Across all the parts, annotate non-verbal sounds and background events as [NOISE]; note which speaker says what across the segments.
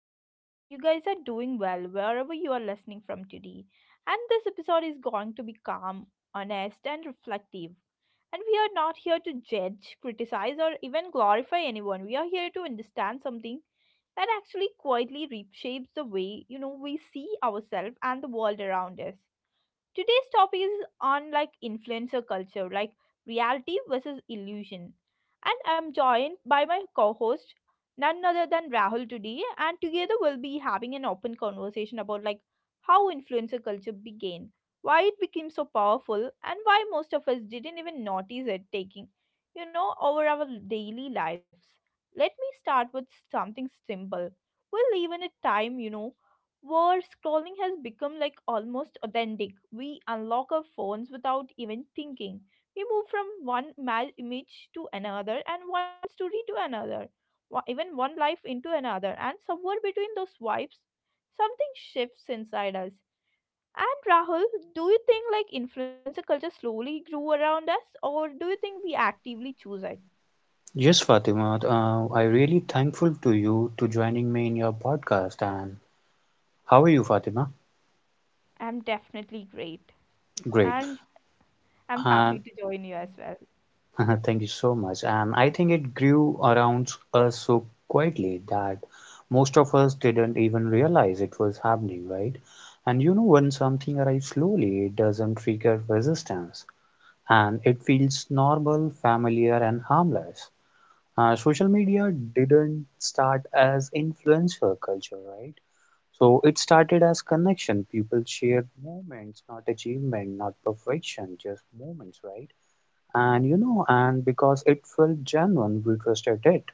Speaker 1: hope you guys are doing well wherever you are listening from today. And this episode is going to be calm, honest and reflective. And we are not here to judge, criticize or even glorify anyone. We are here to understand something that actually quietly reshapes the way, you know, we see ourselves and the world around us. Today's topic is on like influencer culture, like reality versus illusion. And I'm joined by my co-host, none other than Rahul today, and together we'll be having an open conversation about like how influencer culture began, why it became so powerful, and why most of us didn't even notice it taking, you know, over our daily lives. Let me start with something simple. We'll live in a time, you know, where scrolling has become like almost authentic. We unlock our phones without even thinking. We move from image to another and one story to another, even one life into another, and somewhere between those swipes, something shifts inside us. And Rahul, do you think like influencer culture slowly grew around us, or do you think we actively choose it?
Speaker 2: Yes, Fatima, I really thankful to you to joining me in your podcast. And how are you, Fatima?
Speaker 1: I'm definitely great,
Speaker 2: Great.
Speaker 1: and I'm
Speaker 2: And
Speaker 1: happy to join you as well.
Speaker 2: [LAUGHS] thank you so much. And I think it grew around us so quietly that most of us didn't even realize it was happening, right? And you know, when something arrives slowly, it doesn't trigger resistance, and it feels normal, familiar, and harmless. Social media didn't start as influencer culture, right? So it started as connection. People shared moments, not achievement, not perfection, just moments, right? And you know, and because it felt genuine, we trusted it.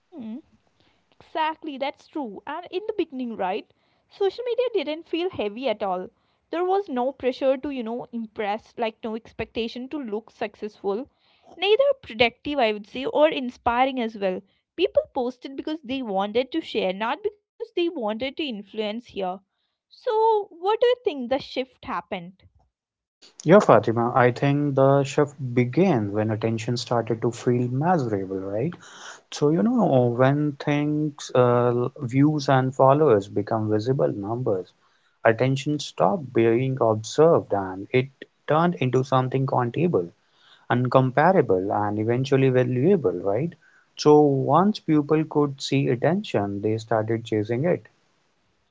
Speaker 1: Hmm. Exactly, that's true. And in the beginning, right, social media didn't feel heavy at all. There was no pressure to, you know, impress, like no expectation to look successful. Neither productive, I would say, or inspiring as well. People posted because they wanted to share, not because they wanted to influence here. So, what do you think the shift happened?
Speaker 2: Yeah, Fatima, I think the shift began when attention started to feel measurable, right? So, you know, when things, views and followers become visible numbers, attention stopped being observed and it turned into something countable, uncomparable, and eventually valuable, right? So once people could see attention, they started chasing it.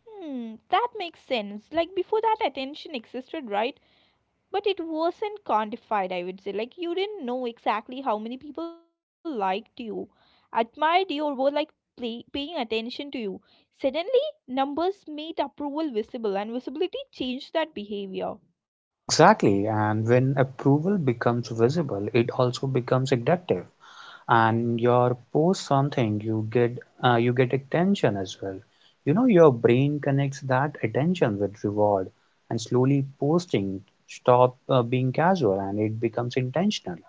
Speaker 1: Hmm, that makes sense. Like before that attention existed, right? But it wasn't quantified, I would say. Like you didn't know exactly how many people liked you, admired you, or were like paying attention to you. Suddenly numbers made approval visible, and visibility changed that behavior.
Speaker 2: Exactly, and when approval becomes visible, it also becomes addictive. And your post something, you get attention as well. You know, your brain connects that attention with reward, and slowly posting stop being casual and it becomes intentional.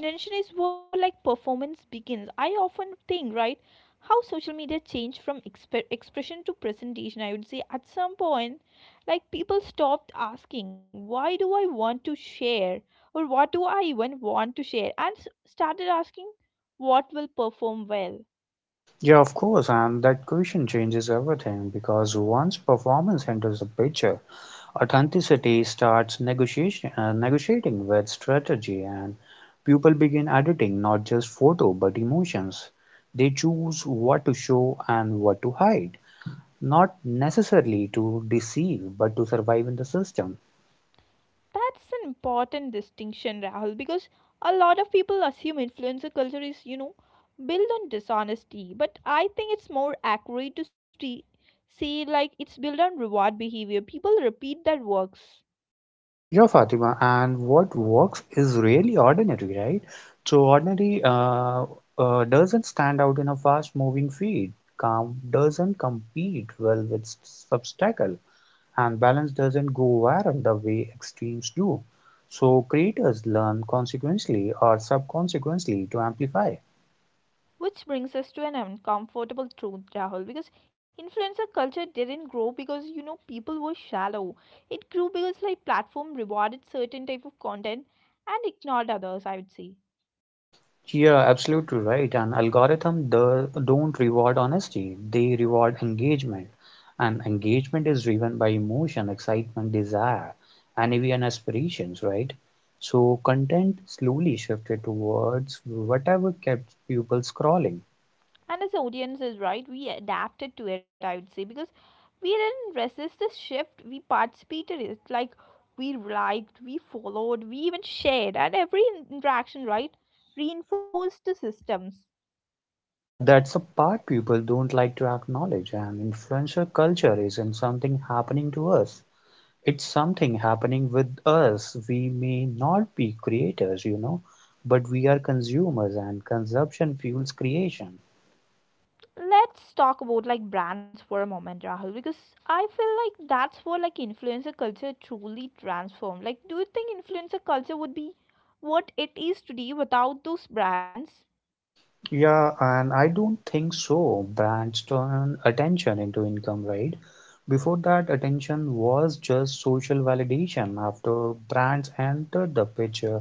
Speaker 1: And intention is where like performance begins. I often think, right, how social media changed from expression to presentation. I would say at some point, like people stopped asking, why do I want to share? Or what do I even want to share? And started asking, what will perform well?
Speaker 2: Yeah, of course, and that question changes everything because once performance enters the picture, authenticity starts negotiation, negotiating with strategy, and people begin editing not just photo but emotions. They choose what to show and what to hide, not necessarily to deceive but to survive in the system.
Speaker 1: That's an important distinction, Rahul, because a lot of people assume influencer culture is, you know, built on dishonesty. But I think it's more accurate to say, like, it's built on reward behavior. People repeat that works.
Speaker 2: Yeah, Fatima, and what works is really ordinary, right? So ordinary doesn't stand out in a fast-moving feed. Calm doesn't compete well with obstacle, and balance doesn't go viral the way extremes do. So creators learn consequently or subconsequently to amplify.
Speaker 1: Which brings us to an uncomfortable truth, Rahul, because influencer culture didn't grow because, you know, people were shallow. It grew because, like, platform rewarded certain type of content and ignored others, I would say.
Speaker 2: Yeah, absolutely right. And algorithm don't reward honesty, they reward engagement. And engagement is driven by emotion, excitement, desire, and even aspirations, right? So content slowly shifted towards whatever kept people scrolling.
Speaker 1: And as the audience is right, we adapted to it, I would say, because we didn't resist the shift. We participated in it. Like we liked, we followed, we even shared, and every interaction, right, reinforced the systems.
Speaker 2: Yeah, that's the part people don't like to acknowledge. And influencer culture isn't something happening to us. It's something happening with us. We may not be creators, you know, but we are consumers and consumption fuels creation.
Speaker 1: Let's talk about like brands for a moment, Rahul, because I feel like that's where like influencer culture truly transformed. Like, do you think influencer culture would be what it is today without those brands?
Speaker 2: Yeah, and I don't think so. Brands turn attention into income, right? Before that, attention was just social validation. After brands entered the picture,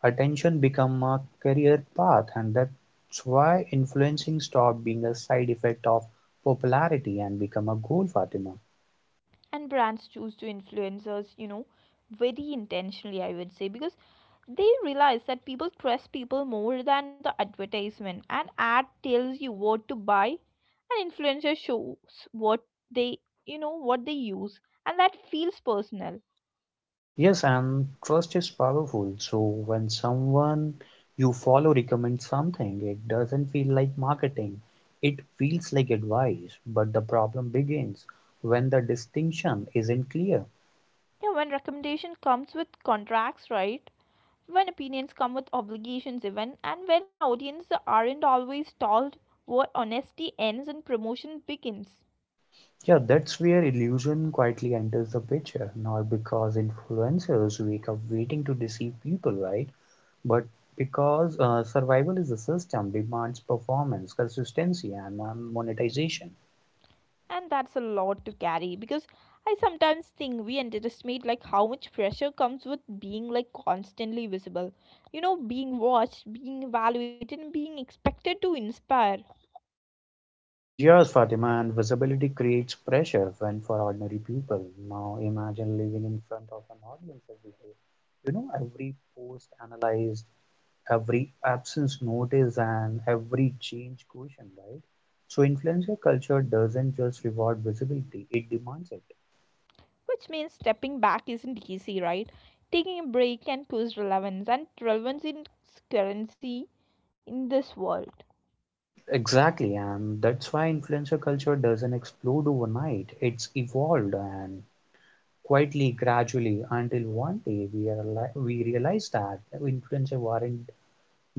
Speaker 2: attention became a career path, and that's why influencing stopped being a side effect of popularity and become a goal, Fatima.
Speaker 1: And brands choose to influencers, you know, very intentionally, I would say, because they realize that people trust people more than the advertisement. An ad tells you what to buy, and influencer shows what they, you know, what they use, and that feels personal.
Speaker 2: Yes, and trust is powerful. So when someone you follow recommends something, it doesn't feel like marketing. It feels like advice, but the problem begins when the distinction isn't clear.
Speaker 1: Yeah, when recommendation comes with contracts, right, when opinions come with obligations even, and when audiences aren't always told where honesty ends and promotion begins.
Speaker 2: Yeah, that's where illusion quietly enters the picture. Not because influencers wake up waiting to deceive people, right? But because survival is a system demands performance, consistency, and monetization.
Speaker 1: And that's a lot to carry because I sometimes think we underestimate like how much pressure comes with being like constantly visible, you know, being watched, being evaluated, and being expected to inspire.
Speaker 2: Yes, Fatima, and visibility creates pressure when for ordinary people. Now imagine living in front of an audience every day. You know, every post analyzed, every absence noticed, and every change questioned, right? So influencer culture doesn't just reward visibility, it demands it.
Speaker 1: Which means stepping back isn't easy, right? Taking a break can lose relevance, and relevance is currency in this world.
Speaker 2: Exactly, and that's why influencer culture doesn't explode overnight. It's evolved and quietly, gradually, until one day we we realize that influencers weren't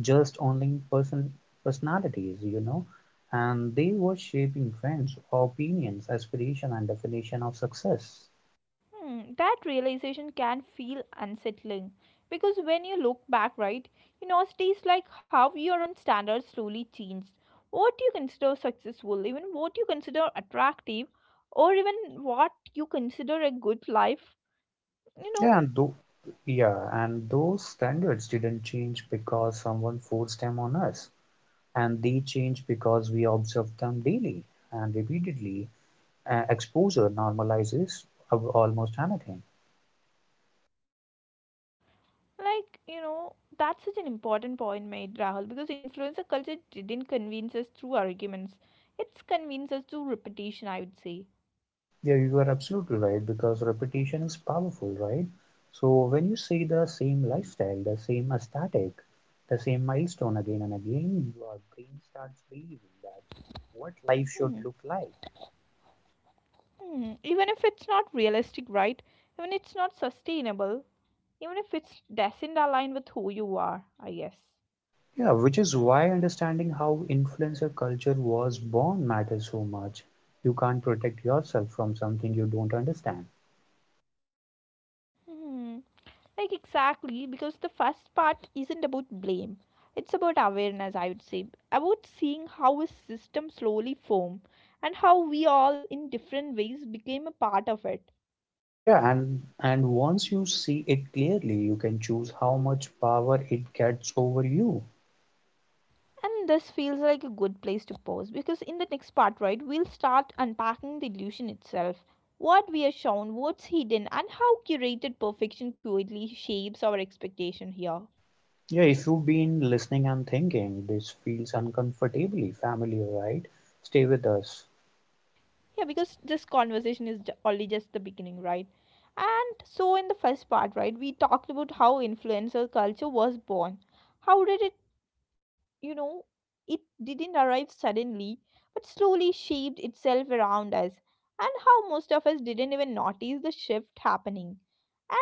Speaker 2: just only personalities, you know, and they were shaping trends, opinions, aspiration, and definition of success.
Speaker 1: Hmm, that realization can feel unsettling because when you look back, right, you know, it is like how your own standards slowly changed. What you consider successful, even what you consider attractive, or even what you consider a good life, you know,
Speaker 2: Yeah, and tho- yeah, and those standards didn't change because someone forced them on us, and they change because we observe them daily and repeatedly. Exposure normalizes almost anything.
Speaker 1: like, you know, that's such an important point made, Rahul, because influencer culture didn't convince us through arguments, it's convinced us through repetition, I would say.
Speaker 2: Yeah, you are absolutely right because repetition is powerful, right? So when you see the same lifestyle, the same aesthetic, the same milestone again and again, your brain starts believing that what life should
Speaker 1: Hmm.
Speaker 2: look like.
Speaker 1: Hmm. Even if it's not realistic, right? Even if it's not sustainable, even if it's doesn't align with who you are, I guess.
Speaker 2: Yeah, which is why understanding how influencer culture was born matters so much. You can't protect yourself from something you don't understand.
Speaker 1: Hmm. Like exactly because the first part isn't about blame. It's about awareness, I would say, about seeing how a system slowly formed and how we all, in different ways, became a part of it.
Speaker 2: Yeah, and once you see it clearly, you can choose how much power it gets over you.
Speaker 1: And this feels like a good place to pause because in the next part, right, we'll start unpacking the illusion itself. What we are shown, what's hidden, and how curated perfection quietly shapes our expectation here.
Speaker 2: Yeah, if you've been listening and thinking this feels uncomfortably familiar, right? Stay with us.
Speaker 1: Yeah, because this conversation is only just the beginning, right? And so, in the first part, right, we talked about how influencer culture was born. How did it, you know, it didn't arrive suddenly, but slowly shaped itself around us, and how most of us didn't even notice the shift happening.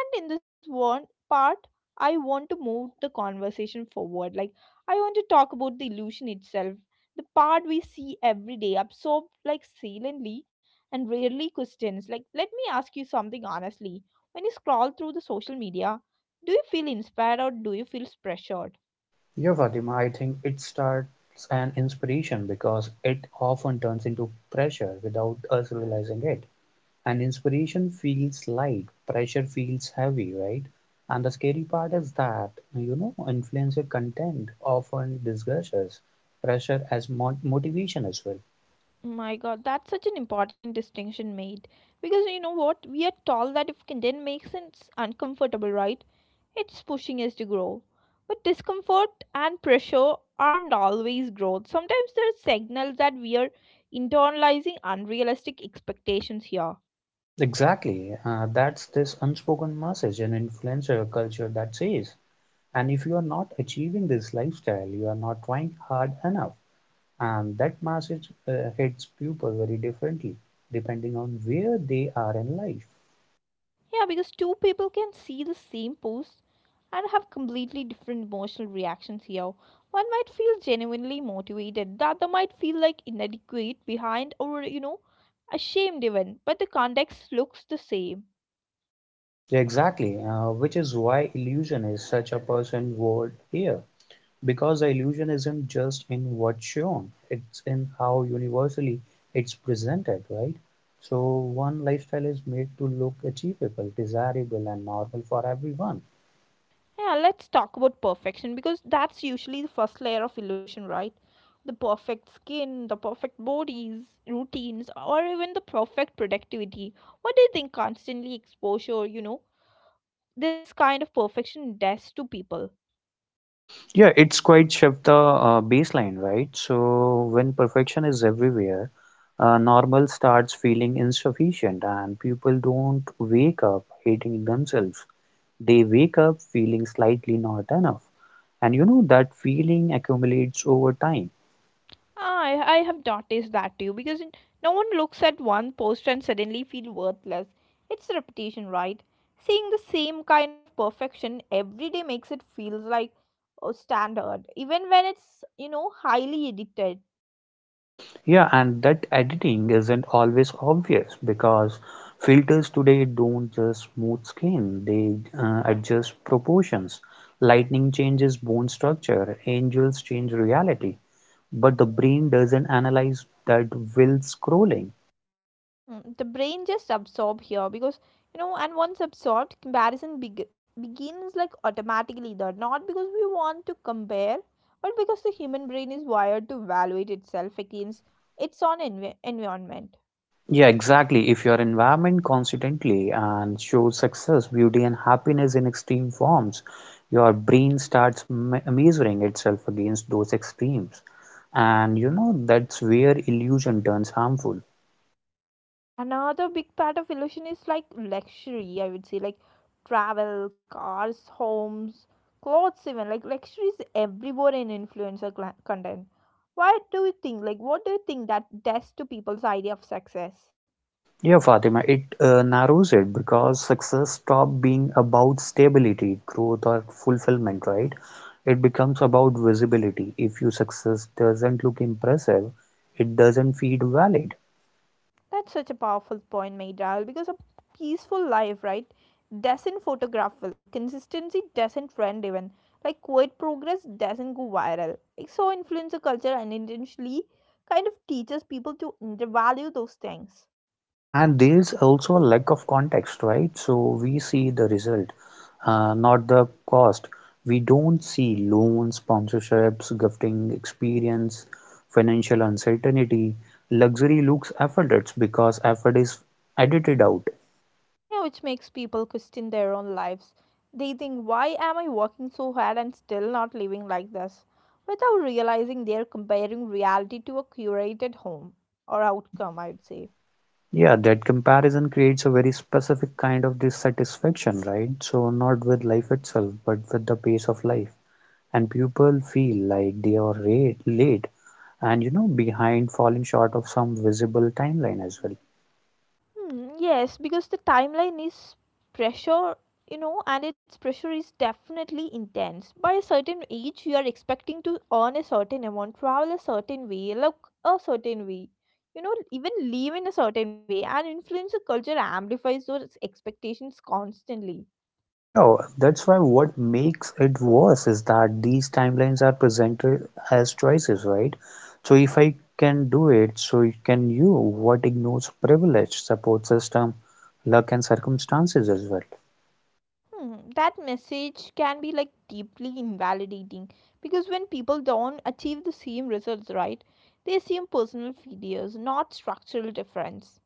Speaker 1: And in this one part, I want to move the conversation forward. Like, I want to talk about the illusion itself, the part we see every day, absorbed like silently and rarely questions. Like, let me ask you something honestly. When you scroll through the social media, do you feel inspired or do you feel pressured?
Speaker 2: Yeah, Fatima, I think it starts an inspiration because it often turns into pressure without us realizing it. And inspiration feels light, pressure feels heavy, right? And the scary part is that, you know, influencer content often disguises pressure as motivation as well.
Speaker 1: My god, that's such an important distinction made. Because you know what? We are told that if content makes us uncomfortable, right? It's pushing us to grow. But discomfort and pressure aren't always growth. Sometimes there are signals that we are internalizing unrealistic expectations here.
Speaker 2: Exactly, that's this unspoken message in influencer culture that says, and if you are not achieving this lifestyle, you are not trying hard enough. And that message hits people very differently depending on where they are in life.
Speaker 1: Yeah, because two people can see the same post and have completely different emotional reactions here. One might feel genuinely motivated, the other might feel like inadequate, behind, or you know, ashamed even, but the context looks the same.
Speaker 2: Yeah, exactly, which is why illusion is such a person word here. Because the illusion isn't just in what's shown, it's in how universally it's presented, right? So one lifestyle is made to look achievable, desirable, and normal for everyone.
Speaker 1: Yeah, let's talk about perfection because that's usually the first layer of illusion, right? The perfect skin, the perfect bodies, routines, or even the perfect productivity. What do you think constantly exposure, you know, this kind of perfection does to people?
Speaker 2: Yeah, it's quite shift the baseline, right? So when perfection is everywhere, normal starts feeling insufficient, and people don't wake up hating themselves. They wake up feeling slightly not enough. And you know that feeling accumulates over time.
Speaker 1: I have noticed that too because no one looks at one post and suddenly feel worthless. It's the repetition, right? Seeing the same kind of perfection every day makes it feels like a standard, even when it's, you know, highly edited.
Speaker 2: Yeah, and that editing isn't always obvious because filters today don't just smooth skin, they adjust proportions. Lightning changes bone structure, angels change reality, but the brain doesn't analyze that while scrolling.
Speaker 1: Mm, the brain just absorb here because, you know, and once absorbed, comparison begins like automatically. There, not because we want to compare, but because the human brain is wired to evaluate itself against its own environment.
Speaker 2: Yeah, exactly. If your environment constantly and shows success, beauty, and happiness in extreme forms, your brain starts measuring itself against those extremes. And you know, that's where illusion turns harmful.
Speaker 1: Another big part of illusion is like luxury, I would say, like travel, cars, homes, clothes, even like luxury is everywhere in influencer cla content. Why do you think, like, what do you think that does to people's idea of success?
Speaker 2: Yeah, Fatima, it narrows it because success stops being about stability, growth, or fulfillment, right? It becomes about visibility. If your success doesn't look impressive, it doesn't feel valid.
Speaker 1: That's such a powerful point made, Rahul, because a peaceful life, right, doesn't photograph well. Consistency doesn't trend even. Like quiet progress doesn't go viral. Like so influencer culture unintentionally kind of teaches people to undervalue those things.
Speaker 2: Yeah, and there's also a lack of context, right? So we see the result, not the cost. We don't see loans, sponsorships, gifting, experience, financial uncertainty. Luxury looks effortless because effort is edited out.
Speaker 1: Yeah, which makes people question their own lives. They think, why am I working so hard and still not living like this? Without realizing they're comparing reality to a curated home or outcome, I would say.
Speaker 2: Yeah, that comparison creates a very specific kind of dissatisfaction, right? So not with life itself, but with the pace of life. And people feel like they are late and you know behind, falling short of some visible timeline as well.
Speaker 1: Hmm, yes, because the timeline is pressure, you know, and its pressure is definitely intense. By a certain age, you are expecting to earn a certain amount, travel a certain way, look a certain way, you know, even live in a certain way, and influencer culture amplifies those expectations constantly.
Speaker 2: Yeah, that's why what makes it worse is that these timelines are presented as choices, right? So if I can do it, so can you. What ignores privilege, support system, luck, and circumstances as well.
Speaker 1: Hmm, that message can be like deeply invalidating because when people don't achieve the same results, right, they assume personal failures, not structural difference.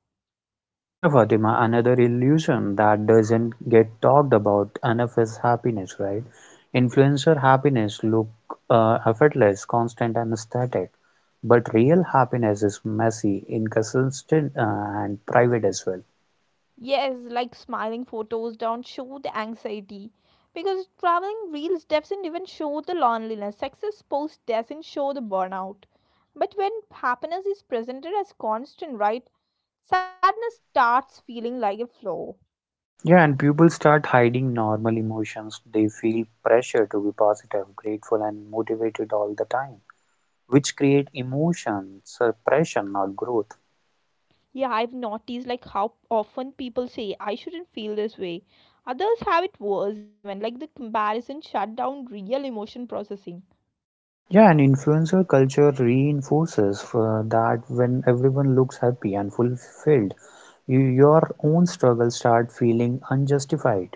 Speaker 2: Yeah, Fatima, another illusion that doesn't get talked about enough is happiness, right? Influencer happiness look effortless, constant, and static, but real happiness is messy, inconsistent, and private as well.
Speaker 1: Yes, like smiling photos don't show the anxiety because traveling reels doesn't even show the loneliness. Success post doesn't show the burnout. But when happiness is presented as constant, right? Sadness starts feeling like a flaw.
Speaker 2: Yeah, and people start hiding normal emotions. They feel pressure to be positive, grateful, and motivated all the time, which create emotion suppression, not growth.
Speaker 1: Yeah, I've noticed like how often people say I shouldn't feel this way. Others have it worse even like the comparison shut down real emotion processing.
Speaker 2: Yeah, and influencer culture reinforces for that when everyone looks happy and fulfilled, you, your own struggles start feeling unjustified.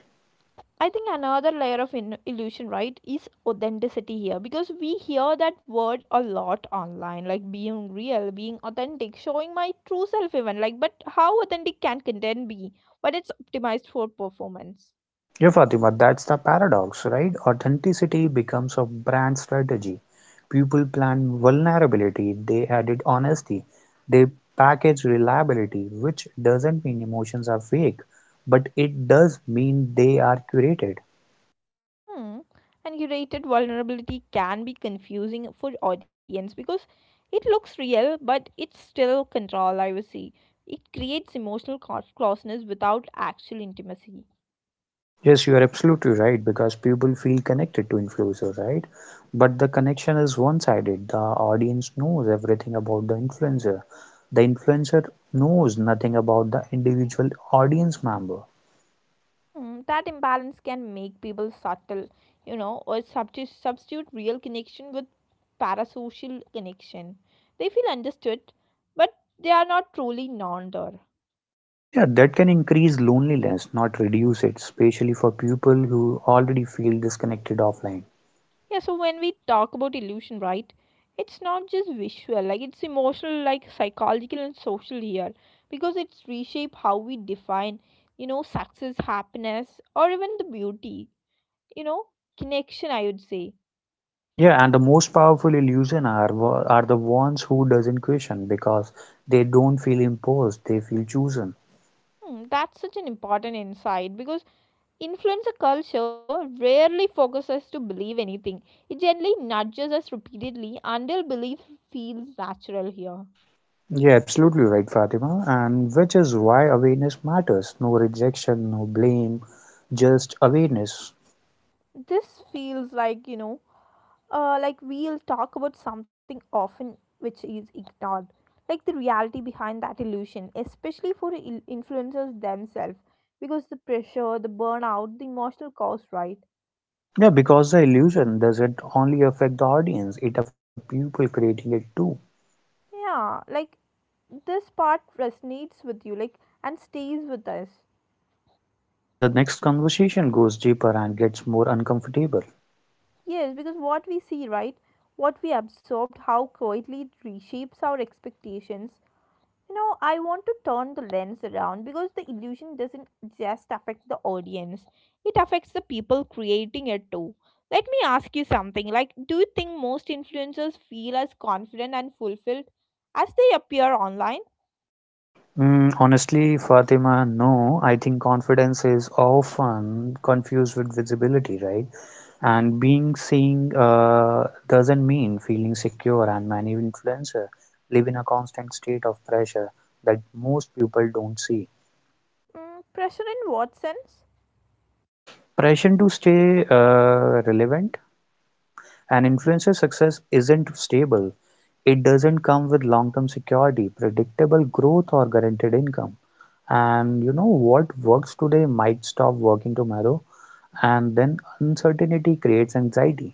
Speaker 1: I think another layer of illusion, right, is authenticity here because we hear that word a lot online, like being real, being authentic, showing my true self, even like. But how authentic can content be when it's optimized for performance?
Speaker 2: Yeah, Fatima, that's the paradox, right? Authenticity becomes a brand strategy. People plan vulnerability, they added honesty, they package reliability, which doesn't mean emotions are fake, but it does mean they are curated.
Speaker 1: Hmm. And curated vulnerability can be confusing for audience because it looks real, but it's still control. I would say it creates emotional closeness without actual intimacy.
Speaker 2: Yes, you are absolutely right because people feel connected to influencer, right? But the connection is one-sided. The audience knows everything about the influencer. The influencer knows nothing about the individual audience member.
Speaker 1: Mm, that imbalance can make people subtle, you know, or substitute real connection with parasocial connection. They feel understood, but they are not truly known there.
Speaker 2: Yeah, that can increase loneliness, not reduce it, especially for people who already feel disconnected offline.
Speaker 1: Yeah, so when we talk about illusion, right, it's not just visual, it's emotional, psychological and social here, because it's reshape how we define, success, happiness, or even the beauty, you know, connection, I would say.
Speaker 2: Yeah, and the most powerful illusion are are the ones who doesn't question because they don't feel imposed, they feel chosen.
Speaker 1: That's such an important insight because influencer culture rarely forces us to believe anything. It gently nudges us repeatedly until belief feels natural here.
Speaker 2: Yeah, absolutely right, Fatima. And which is why awareness matters. No rejection, no blame, just awareness.
Speaker 1: This feels like, like we'll talk about something often which is ignored. Like the reality behind that illusion, especially for influencers themselves. Because the pressure, the burnout, the emotional cost, right?
Speaker 2: Yeah, because the illusion doesn't only affect the audience, it affects the people creating it too.
Speaker 1: Yeah, like this part resonates with you, like, and stays with us.
Speaker 2: Yeah, the next conversation goes deeper and gets more uncomfortable.
Speaker 1: Yes, because what we see, right? What we absorbed, how quietly it reshapes our expectations. You know, I want to turn the lens around because the illusion doesn't just affect the audience, it affects the people creating it too. Let me ask you something like, do you think most influencers feel as confident and fulfilled as they appear online?
Speaker 2: Mm, honestly, Fatima, no, I think confidence is often confused with visibility, right? And being seen doesn't mean feeling secure, and many influencers live in a constant state of pressure that most people don't see.
Speaker 1: Pressure in what sense?
Speaker 2: Pressure to stay relevant, and influencer success isn't stable. It doesn't come with long term security, predictable growth, or guaranteed income. And you know what works today might stop working tomorrow, and then uncertainty creates anxiety.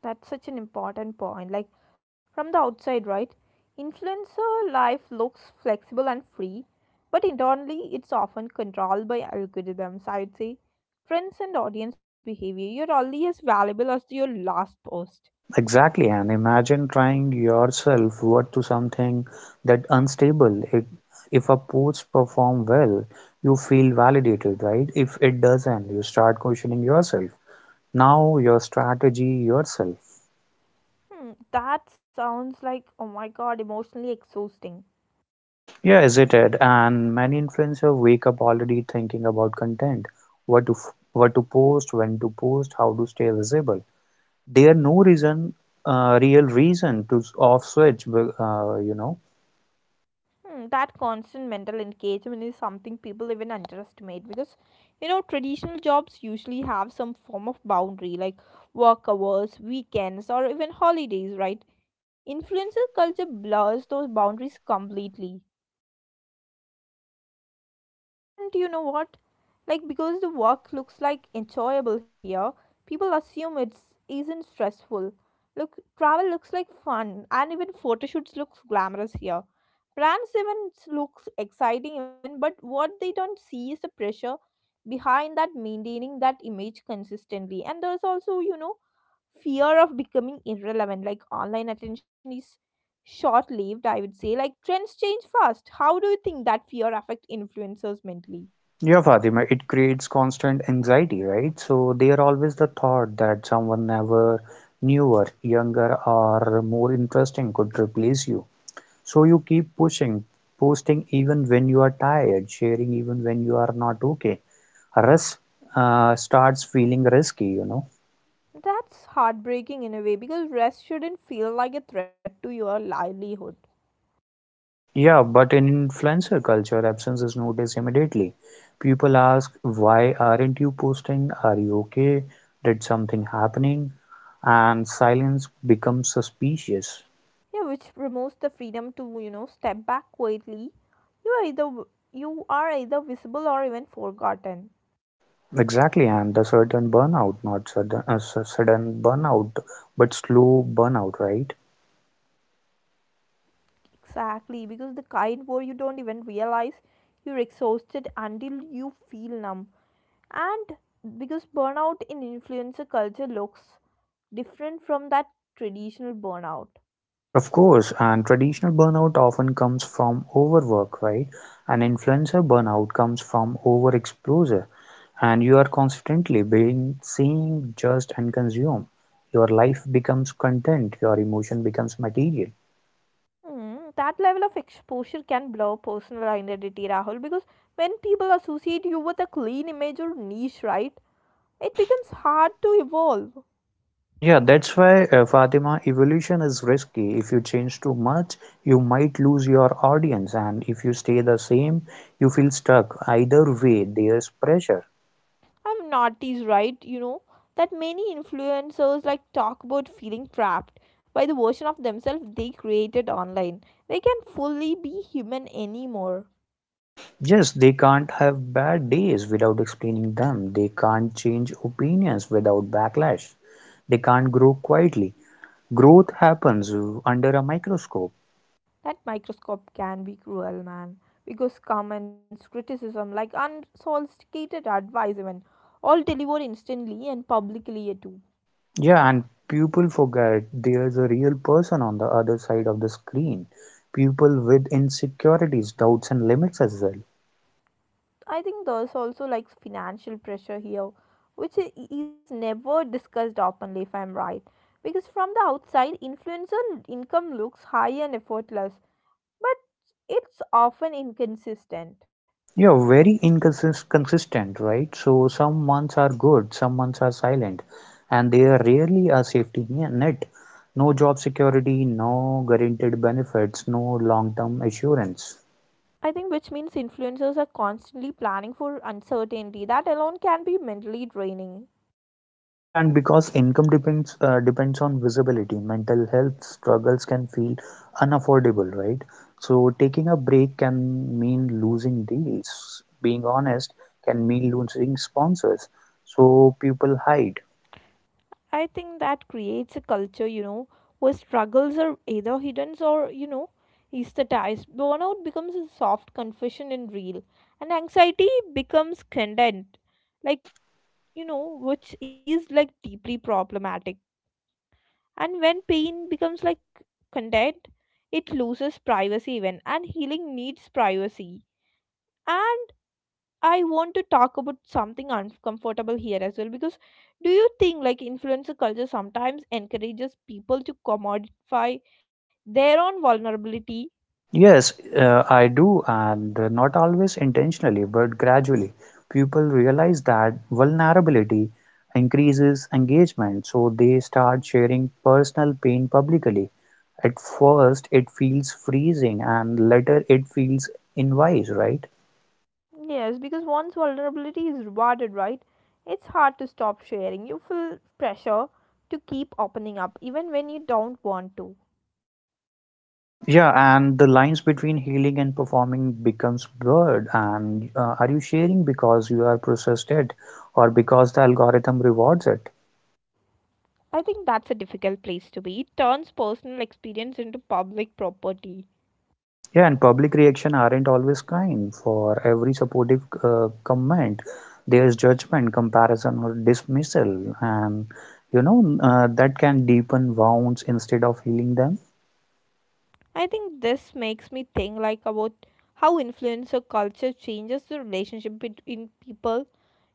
Speaker 1: That's such an important point. Like from the outside, right? Influencer life looks flexible and free, but internally it's often controlled by algorithms, I would say. Trends and audience behavior. You're only as valuable as your last post.
Speaker 2: Exactly, and imagine trying yourself worth to something that unstable. It, if a post perform well, you feel validated, right? If it doesn't, you start questioning yourself. Now your strategy yourself.
Speaker 1: That sounds like, oh my god, emotionally exhausting.
Speaker 2: Yeah, is it it? And many influencers wake up already thinking about content, what to what to post, when to post, how to stay visible. There are no reason, real reason to off switch, you know.
Speaker 1: That constant mental engagement is something people even underestimate because you know traditional jobs usually have some form of boundary like work hours, weekends, or even holidays, right? Influencer culture blurs those boundaries completely. And you know what? Like because the work looks like enjoyable here, people assume it's isn't stressful. Look, travel looks like fun, and even photo shoots looks glamorous here. Brands even looks exciting even, but what they don't see is the pressure behind that maintaining that image consistently. And there's also, fear of becoming irrelevant. Like online attention is short-lived, I would say. Like trends change fast. How do you think that fear affect influencers mentally?
Speaker 2: Yeah, Fatima, it creates constant anxiety, right? So there always the thought that someone never newer, younger, or more interesting could replace you. So you keep pushing, posting even when you are tired, sharing even when you are not okay. Risk starts feeling risky, you know.
Speaker 1: That's heartbreaking in a way because rest shouldn't feel like a threat to your livelihood.
Speaker 2: Yeah, but in influencer culture, absence is noticed immediately. People ask, "Why aren't you posting? Are you okay? Did something happening?" And silence becomes suspicious.
Speaker 1: Yeah, which removes the freedom to, step back quietly. You are either you are either visible or even forgotten.
Speaker 2: Exactly, and the sudden burnout, not sudden, sudden burnout, but slow burnout, right?
Speaker 1: Exactly, because the kind where you don't even realize you're exhausted until you feel numb. And because burnout in influencer culture looks different from that traditional burnout.
Speaker 2: Of course, and traditional burnout often comes from overwork, right? And influencer burnout comes from overexposure, and you are constantly being seen, judged, and consumed. Your life becomes content, your emotion becomes material.
Speaker 1: Mm, that level of exposure can blur personal identity, Rahul, because when people associate you with a clean image or niche, right, it becomes hard to evolve.
Speaker 2: Yeah, that's why, Fatima, evolution is risky. If you change too much, you might lose your audience, and if you stay the same, you feel stuck. Either way, there's pressure.
Speaker 1: I'm naughty's right, that many influencers like talk about feeling trapped by the version of themselves they created online. They can fully be human anymore.
Speaker 2: Yes, they can't have bad days without explaining them. They can't change opinions without backlash. They can't grow quietly. Growth happens under a microscope.
Speaker 1: That microscope can be cruel, man, because comments, criticism, like unsolicited advice, even all delivered instantly and publicly yeah, too.
Speaker 2: Yeah, and people forget there's a real person on the other side of the screen. People with insecurities, doubts, and limits as well.
Speaker 1: I think there's also like financial pressure here, which is never discussed openly, if I'm right. Because from the outside, influencer income looks high and effortless, but it's often inconsistent.
Speaker 2: Yeah, very inconsistent, right? So some months are good, some months are silent, and they are rarely a safety net. No job security, no guaranteed benefits, no long-term assurance.
Speaker 1: I think which means influencers are constantly planning for uncertainty. That alone can be mentally draining.
Speaker 2: Yeah, and because income depends on visibility, mental health struggles can feel unaffordable, right? So taking a break can mean losing deals. Being honest can mean losing sponsors. So people hide.
Speaker 1: I think that creates a culture, where struggles are either hidden or, aesthetized. Burnout becomes a soft confession in real, and anxiety becomes content, like, which is like deeply problematic. And when pain becomes like content, it loses privacy even, and healing needs privacy. And I want to talk about something uncomfortable here as well because do you think like influencer culture sometimes encourages people to commodify their own vulnerability?
Speaker 2: Yes, I do, and not always intentionally, but gradually. People realize that vulnerability increases engagement, so they start sharing personal pain publicly. At first it feels freezing and later it feels invites, right?
Speaker 1: Yes, because once vulnerability is rewarded, right? It's hard to stop sharing. You feel pressure to keep opening up even when you don't want to.
Speaker 2: Yeah, and the lines between healing and performing becomes blurred. And are you sharing because you are processed it or because the algorithm rewards it?
Speaker 1: I think that's a difficult place to be. It turns personal experience into public property.
Speaker 2: Yeah, and public reaction aren't always kind. For every supportive comment, there's judgment, comparison, or dismissal, and you know that can deepen wounds instead of healing them.
Speaker 1: I think this makes me think like about how influencer culture changes the relationship between people,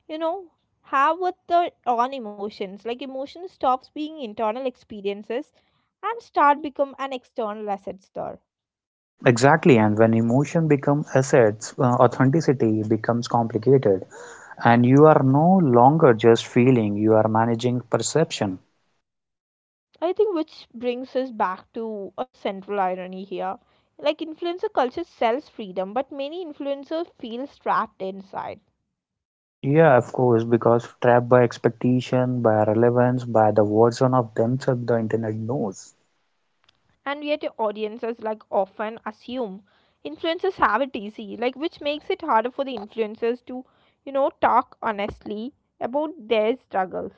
Speaker 1: you know, have with their own emotions. Like emotion stops being internal experiences and start become an external assets there.
Speaker 2: Exactly, and when emotion becomes assets, authenticity becomes complicated, and you are no longer just feeling, you are managing perception.
Speaker 1: I think which brings us back to a central irony here. Like influencer culture sells freedom, but many influencers feel trapped inside,
Speaker 2: Yeah, of course, because trapped by expectation, by relevance, by the version of themselves the internet knows.
Speaker 1: and yet audiences like often assume influencers have it easy, like which makes it harder for the influencers to talk honestly about their struggles,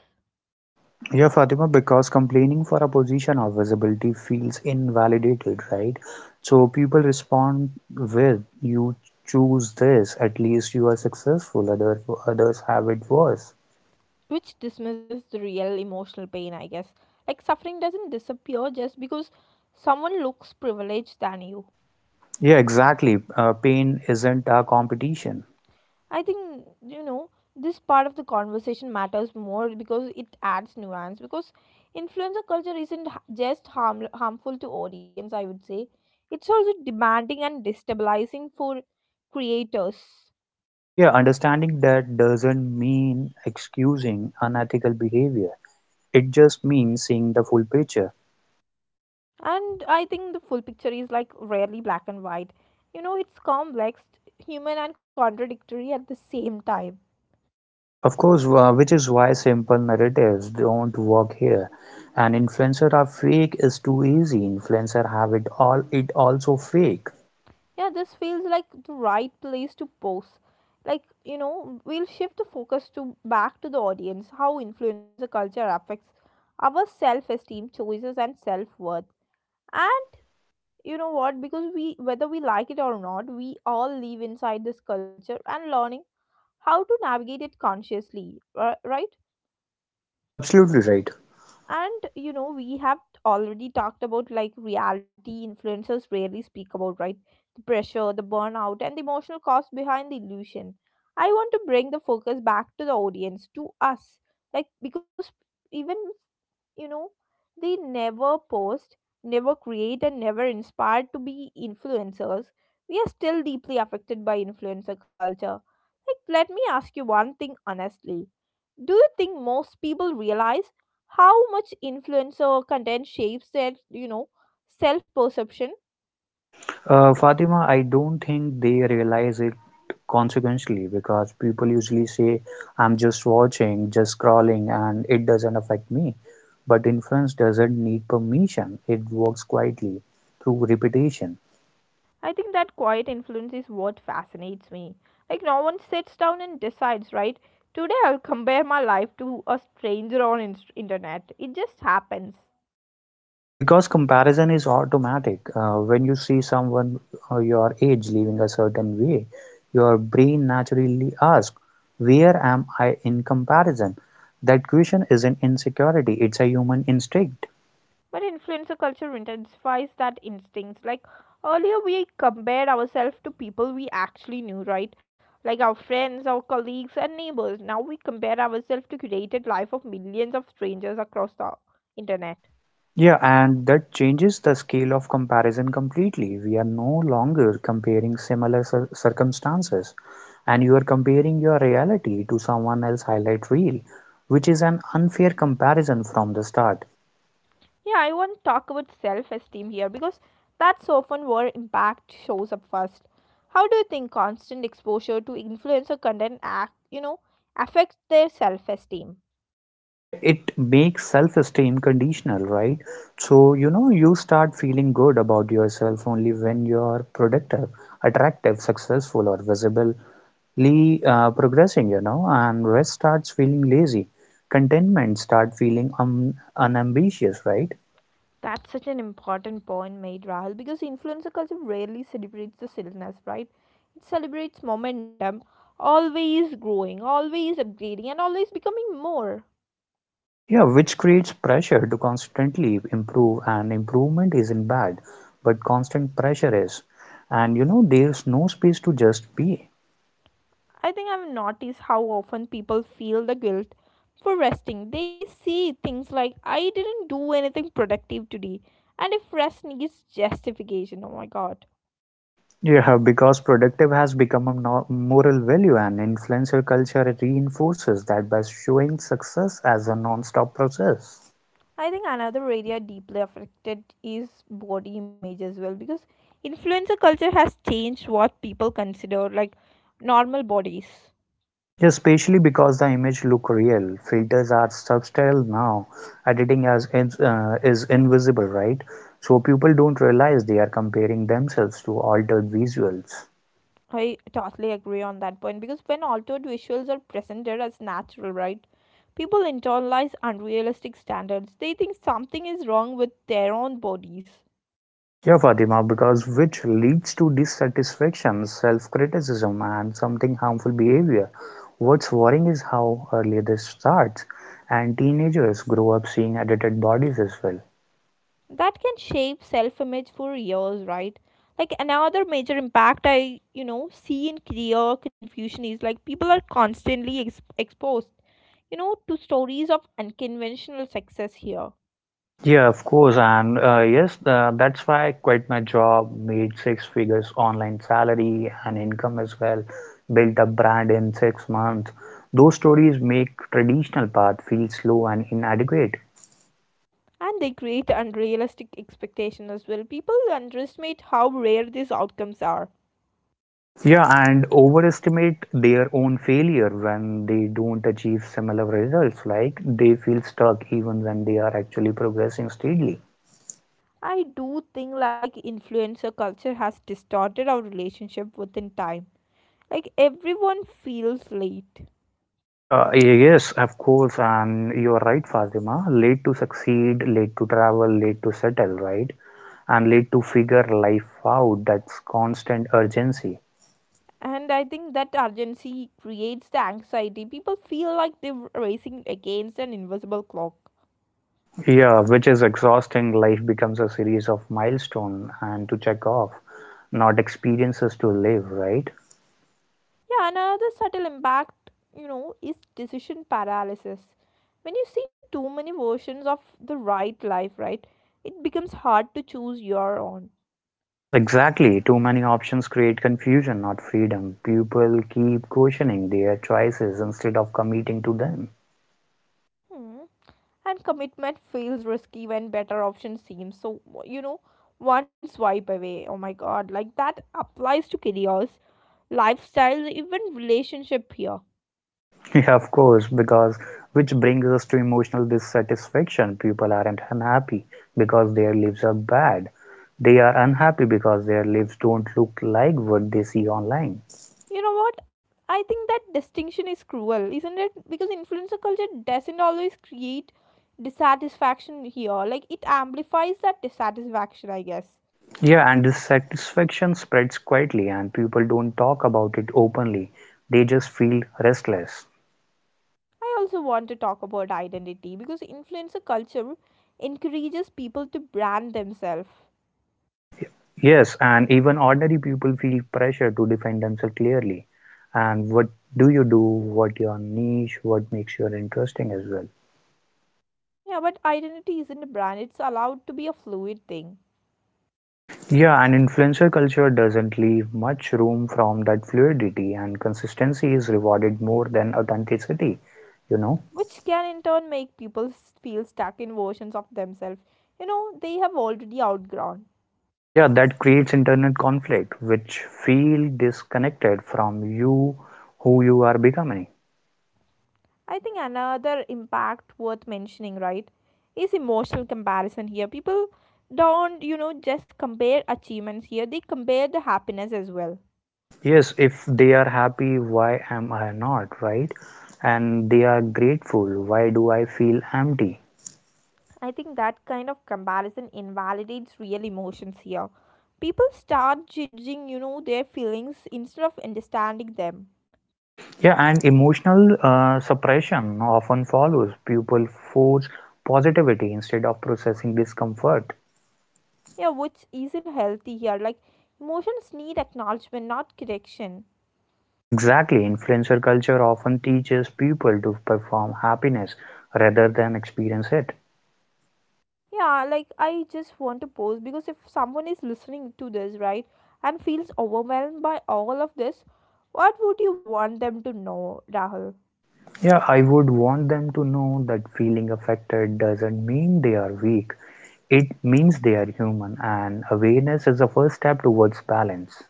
Speaker 2: Yeah, Fatima, because complaining for a position of visibility feels invalidated, right? So people respond with, you choose this, at least you are successful, others have it worse.
Speaker 1: which dismisses the real emotional pain, I guess. Like suffering doesn't disappear just because someone looks privileged than you.
Speaker 2: Yeah, exactly. Pain isn't a competition.
Speaker 1: I think this part of the conversation matters more because it adds nuance because influencer culture isn't harmful to audience, I would say. It's also demanding and destabilizing for creators.
Speaker 2: Yeah, understanding that doesn't mean excusing unethical behavior. It just means seeing the full picture.
Speaker 1: And I think the full picture is like rarely black and white, it's complex, human and contradictory at the same time.
Speaker 2: Of course, which is why simple narratives don't work here. An influencer are fake is too easy. Influencer have it all. It also fake.
Speaker 1: Yeah, this feels like the right place to pause. Like, we'll shift the focus to back to the audience, how influencer culture affects our self-esteem, choices and self-worth. And you know what? Because we whether we like it or not, we all live inside this culture and learning how to navigate it consciously, right?
Speaker 2: Absolutely right.
Speaker 1: And we have already talked about like reality influencers rarely speak about, right, the pressure, the burnout and the emotional cost behind the illusion. I want to bring the focus back to the audience, to us, like because even, you know they never post, never create and never inspired to be influencers, we are still deeply affected by influencer culture. Like let me ask you one thing honestly, do you think most people realize how much influencer content shapes their, self perception?
Speaker 2: Fatima, I don't think they realize it consequentially because people usually say, I'm just watching, just scrolling, and it doesn't affect me. But influence doesn't need permission, it works quietly through repetition.
Speaker 1: I think that quiet influence is what fascinates me. Like no one sits down and decides, right, today I'll compare my life to a stranger on internet. It just happens.
Speaker 2: Because comparison is automatic. When you see someone your age living a certain way, your brain naturally asks, where am I in comparison? That question isn't insecurity, it's a human instinct.
Speaker 1: But influencer culture intensifies that instincts. Like earlier, we compared ourselves to people we actually knew, right? Like our friends, our colleagues, and neighbors. Now we compare ourselves to curated life of millions of strangers across the internet.
Speaker 2: Yeah, and that changes the scale of comparison completely. We are no longer comparing similar circumstances, and you are comparing your reality to someone else's highlight reel, which is an unfair comparison from the start.
Speaker 1: Yeah, I want to talk about self-esteem here because that's often where impact shows up first. How do you think constant exposure to influencer content act, affects their self-esteem?
Speaker 2: Yeah, it makes self-esteem conditional, right? So, you know, you start feeling good about yourself only when you're productive, attractive, successful, or visible, progressing, you know, and rest starts feeling lazy. Contentment start feeling unambitious, right?
Speaker 1: That's such an important point made, Rahul, because influencer culture rarely celebrates the stillness, right? It celebrates momentum, always growing, always upgrading, and always becoming more.
Speaker 2: Yeah, which creates pressure to constantly improve, and improvement isn't bad, but constant pressure is. And you know, there's no space to just be.
Speaker 1: I think I've noticed how often people feel the guilt for resting. They say things like, I didn't do anything productive today, and if rest needs justification, oh my god.
Speaker 2: Yeah, [LAUGHS] because productive has become a moral value, and influencer culture reinforces that by showing success as a non stop process.
Speaker 1: I think another area deeply affected is body image as well because influencer culture has changed what people consider like normal bodies.
Speaker 2: Yeah, especially because the image look real. Filters are subtle now. Editing as is invisible, right? So people don't realize they are comparing themselves to altered visuals.
Speaker 1: I totally agree on that point because when altered visuals are presented as natural, right? People internalize unrealistic standards. They think something is wrong with their own bodies.
Speaker 2: Yeah, Fatima, because which leads to dissatisfaction, self-criticism, and something harmful behavior. What's worrying is how early this starts, and teenagers grow up seeing edited bodies as well.
Speaker 1: That can shape self-image for years, right? Like another major impact I see in career confusion is like people are constantly exposed, to stories of unconventional success here.
Speaker 2: Yeah, of course, and yes, that's why I quit my job, made six figures online salary and income as well, built a brand in 6 months. Those stories make traditional path feel slow and inadequate.
Speaker 1: And they create unrealistic expectations as well. People underestimate how rare these outcomes are.
Speaker 2: Yeah, and overestimate their own failure when they don't achieve similar results. Like they feel stuck even when they are actually progressing steadily.
Speaker 1: I do think like influencer culture has distorted our relationship within time, like everyone feels late.
Speaker 2: Yeah, yes, of course, and you're right, Fatima. Late to succeed, late to travel, late to settle, right? And lead to figure life out, that's constant urgency.
Speaker 1: And I think that urgency creates the anxiety. People feel like they're racing against an invisible clock.
Speaker 2: Yeah, which is exhausting. Life becomes a series of milestones and to check off, not experiences to live, right?
Speaker 1: Yeah, another subtle impact, is decision paralysis. When you see too many versions of the right life, right, it becomes hard to choose your own.
Speaker 2: Exactly, too many options create confusion, not freedom. People keep questioning their choices instead of committing to them.
Speaker 1: Hmm. And commitment feels risky when better options seem so, one swipe away. Oh my god, like that applies to careers, lifestyles, even relationship here.
Speaker 2: [LAUGHS] Yeah, of course, because which brings us to emotional dissatisfaction. People aren't unhappy because their lives are bad. They are unhappy because their lives don't look like what they see online.
Speaker 1: You know what? I think that distinction is cruel, isn't it? Because influencer culture doesn't always create dissatisfaction here. Like it amplifies that dissatisfaction, I guess.
Speaker 2: Yeah, and dissatisfaction spreads quietly, and people don't talk about it openly. They just feel restless.
Speaker 1: I also want to talk about identity because influencer culture encourages people to brand themselves.
Speaker 2: Yes, and even ordinary people feel pressure to define themselves clearly. And what do you do? What your niche? What makes you interesting as well?
Speaker 1: Yeah, but identity isn't a brand, it's allowed to be a fluid thing,
Speaker 2: Yeah, and influencer culture doesn't leave much room from that fluidity, and consistency is rewarded more than authenticity, you know?
Speaker 1: which can in turn make people feel stuck in versions of themselves, they have already outgrown.
Speaker 2: Yeah, that creates internal conflict, which feel disconnected from you, who you are becoming.
Speaker 1: I think another impact worth mentioning, right, is emotional comparison here. People don't, just compare achievements here, they compare the happiness as well.
Speaker 2: Yes, if they are happy, why am I not, right? And they are grateful, why do I feel empty?
Speaker 1: I think that kind of comparison invalidates real emotions here. People start judging, their feelings instead of understanding them.
Speaker 2: Yeah, and emotional suppression often follows. People force positivity instead of processing discomfort.
Speaker 1: Yeah, which isn't healthy here. Like, emotions need acknowledgement, not correction.
Speaker 2: Exactly, influencer culture often teaches people to perform happiness rather than experience it.
Speaker 1: Yeah, like I just want to pose because if someone is listening to this, right, and feels overwhelmed by all of this, what would you want them to know, Rahul?
Speaker 2: Yeah, I would want them to know that feeling affected doesn't mean they are weak. It means they are human, and awareness is the first step towards balance.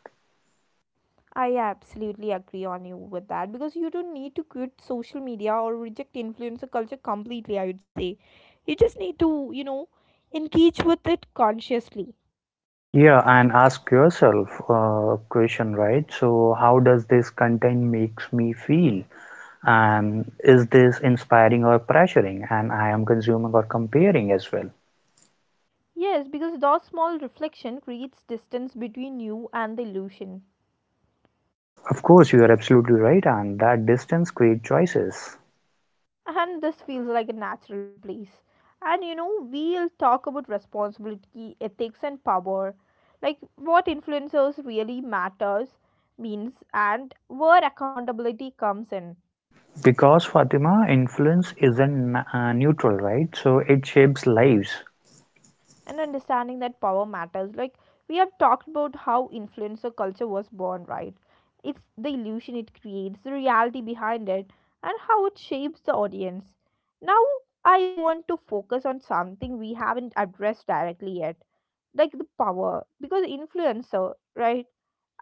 Speaker 1: I absolutely agree on you with that because you don't need to quit social media or reject influencer culture completely, I would say. You just need to, engage with it consciously.
Speaker 2: Yeah, and ask yourself a question, right? So, how does this content makes me feel? And is this inspiring or pressuring? And I am consuming or comparing as well.
Speaker 1: Yes, because those small reflection creates distance between you and the illusion.
Speaker 2: Of course, you are absolutely right, and that distance creates choices.
Speaker 1: And this feels like a natural place. And we'll talk about responsibility, ethics, and power, like what influencers really matters means, and where accountability comes in.
Speaker 2: Because Fatima, influence isn't neutral, right? So it shapes lives.
Speaker 1: And understanding that power matters. Like we have talked about how influencer culture was born, right? It's the illusion it creates, the reality behind it, and how it shapes the audience. Now I want to focus on something we haven't addressed directly yet, like the power, because influencer, right?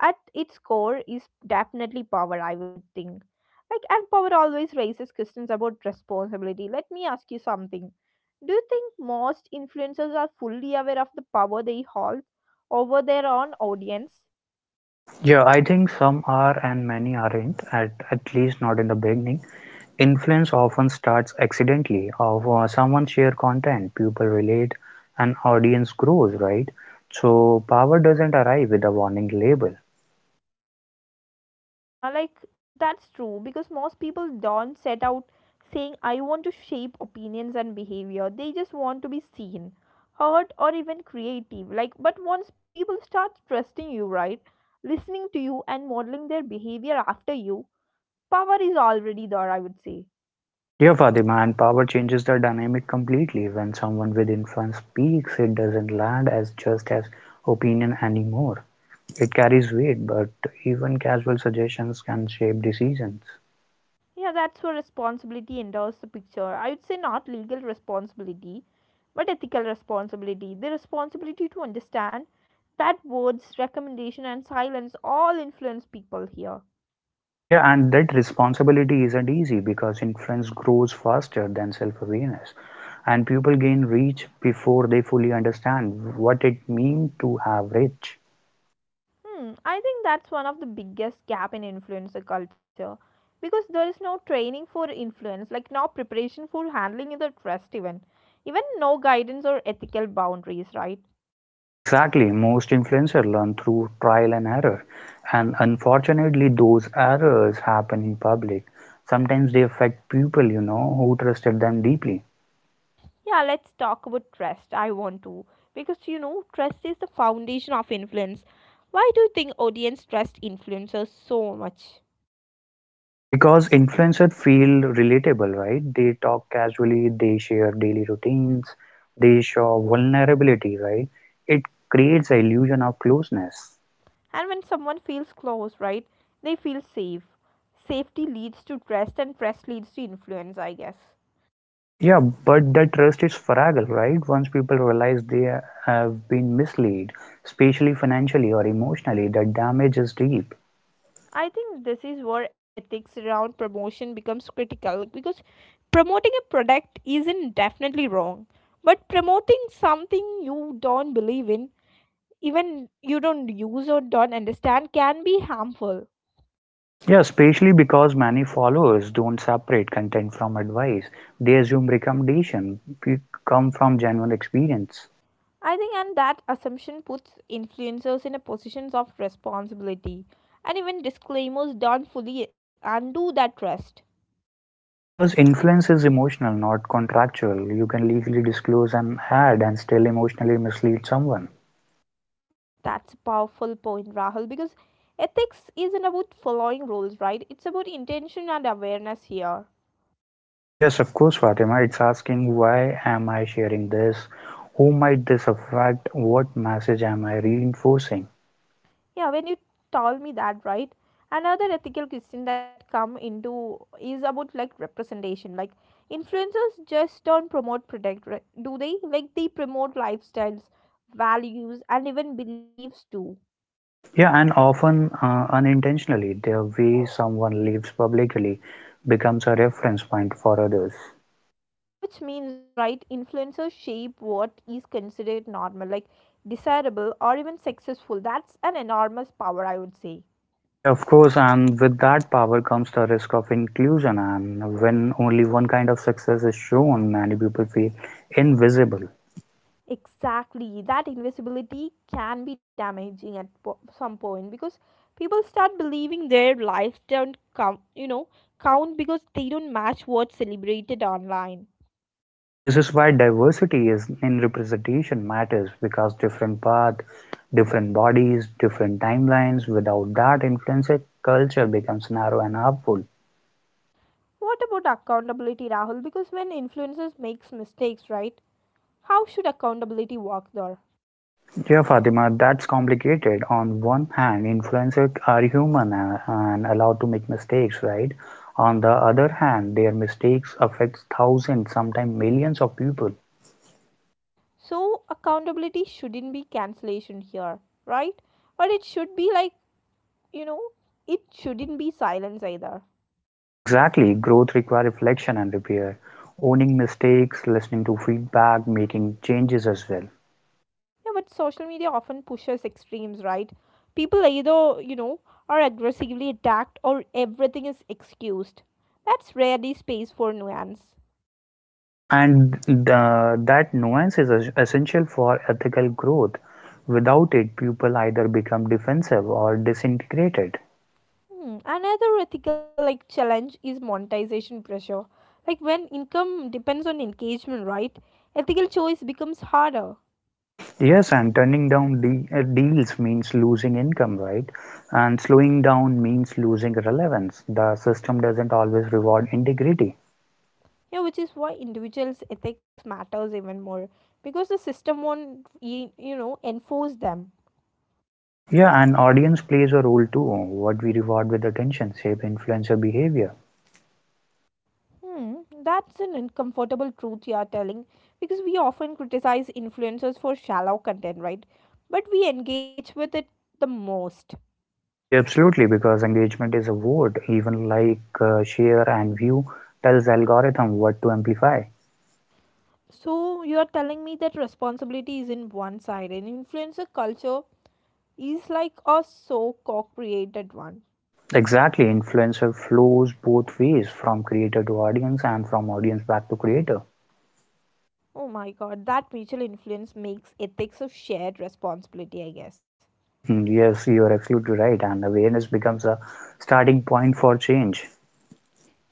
Speaker 1: At its core is definitely power, I would think. Like, and power always raises questions about responsibility. Let me ask you something. Do you think most influencers are fully aware of the power they hold over their own audience?
Speaker 2: Yeah, I think some are and many aren't, at least not in the beginning. Influence often starts accidentally, of someone share content, people relate, and audience grows, right? So power doesn't arrive with a warning label.
Speaker 1: Yeah, like that's true, because most people don't set out saying, I want to shape opinions and behavior. They just want to be seen, heard, or even creative. Like, but once people start trusting you, right, listening to you, and modeling their behavior after you, power is already there, I would say.
Speaker 2: Yeah, Fatima, and power changes the dynamic completely. When someone with influence speaks, it doesn't land as just as opinion anymore. It carries weight, but even casual suggestions can shape decisions.
Speaker 1: Yeah, that's where responsibility enters the picture. I would say not legal responsibility, but ethical responsibility. The responsibility to understand that words, recommendation, and silence all influence people here.
Speaker 2: Yeah, and that responsibility isn't easy because influence grows faster than self awareness, and people gain reach before they fully understand what it means to have reach.
Speaker 1: Hmm, I think that's one of the biggest gap in influencer culture, because there is no training for influence, like no preparation for handling in the trust, even no guidance or ethical boundaries, right?
Speaker 2: Exactly, most influencers learn through trial and error, and unfortunately, those errors happen in public. Sometimes they affect people, you know, who trusted them deeply.
Speaker 1: Yeah, let's talk about trust. I want to. Because you know, trust is the foundation of influence. Why do you think audience trust influencers so much?
Speaker 2: Because influencers feel relatable, right? They talk casually, they share daily routines, they show vulnerability, right? It creates the illusion of closeness.
Speaker 1: And when someone feels close, right, they feel safe. Safety leads to trust, and trust leads to influence, I guess.
Speaker 2: Yeah, but that trust is fragile, right? Once people realize they have been misled, especially financially or emotionally, that damage is deep.
Speaker 1: I think this is where ethics around promotion becomes critical, like, because promoting a product isn't definitely wrong, but promoting something you don't believe in, even you don't use or don't understand, can be harmful.
Speaker 2: Yeah, especially because many followers don't separate content from advice. They assume recommendation come from genuine experience.
Speaker 1: I think, and that assumption puts influencers in a positions of responsibility, and even disclaimers don't fully undo that trust.
Speaker 2: Because influence is emotional, not contractual. You can legally disclose an ad and still emotionally mislead someone.
Speaker 1: That's a powerful point, Rahul, because ethics isn't about following rules, right? It's about intention and awareness here.
Speaker 2: Yes, of course, Fatima. It's asking why am I sharing this? Who might this affect? What message am I reinforcing?
Speaker 1: Yeah, when you told me that, right? Another ethical question that come into is about like representation. Like influencers just don't promote product, right? Do they? Like they promote lifestyles, values, and even beliefs too.
Speaker 2: Yeah, and often unintentionally, the way someone lives publicly becomes a reference point for others.
Speaker 1: Which means, right? Influencers shape what is considered normal, like desirable or even successful. That's an enormous power, I would say.
Speaker 2: Yeah, of course, and with that power comes the risk of inclusion. And when only one kind of success is shown, many people feel invisible.
Speaker 1: Exactly, that invisibility can be damaging at some point, because people start believing their lives don't count because they don't match what's celebrated online.
Speaker 2: Yeah, this is why diversity is in representation matters because different path, different bodies, different timelines. Without that influence, a culture becomes narrow and harmful.
Speaker 1: What about accountability, Rahul? Because when influencers makes mistakes, right? How should accountability work there?
Speaker 2: Yeah, Fatima, that's complicated. On one hand, influencers are human and allowed to make mistakes, right? On the other hand, their mistakes affect thousands, sometimes millions of people.
Speaker 1: So accountability shouldn't be cancellation here, right? But it should be like, you know, it shouldn't be silence either.
Speaker 2: Exactly, growth requires reflection and repair. Owning mistakes, listening to feedback, making changes as well.
Speaker 1: Yeah, but social media often pushes extremes, right? People either, you know, are aggressively attacked, or everything is excused. That's rarely space for nuance.
Speaker 2: Yeah, and that nuance is essential for ethical growth. Without it, people either become defensive or disintegrated.
Speaker 1: Hmm. Another ethical like challenge is monetization pressure. Like when income depends on engagement, right? Ethical choice becomes harder.
Speaker 2: Yes, and turning down deals means losing income, right? And slowing down means losing relevance. The system doesn't always reward integrity.
Speaker 1: Yeah, which is why individuals' ethics matters even more, because the system won't enforce them.
Speaker 2: Yeah, and audience plays a role too. What we reward with attention shape influencer behavior.
Speaker 1: Hmm, that's an uncomfortable truth you are telling, because we often criticize influencers for shallow content, right? But we engage with it the most.
Speaker 2: Yeah, absolutely, because engagement is a word. Even like share and view tells algorithm what to amplify.
Speaker 1: So you are telling me that responsibility is in one side, and influencer culture is like a so co-created one.
Speaker 2: Exactly, influencer flows both ways from creator to audience and from audience back to creator.
Speaker 1: Oh my god, that mutual influence makes ethics of shared responsibility, I guess.
Speaker 2: [LAUGHS] Yes, you are absolutely right, and awareness becomes a starting point for change.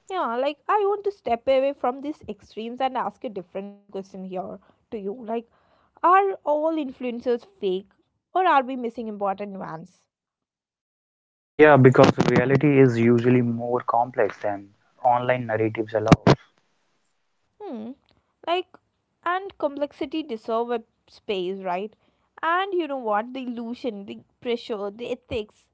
Speaker 1: Yeah, like I want to step away from these extremes and ask a different question here to you. Like, are all influencers fake, or are we missing important nuance?
Speaker 2: Yeah, because reality is usually more complex than online narratives allow.
Speaker 1: Hmm. Like, and complexity deserve a space, right? And you know what? The illusion, the pressure, the ethics,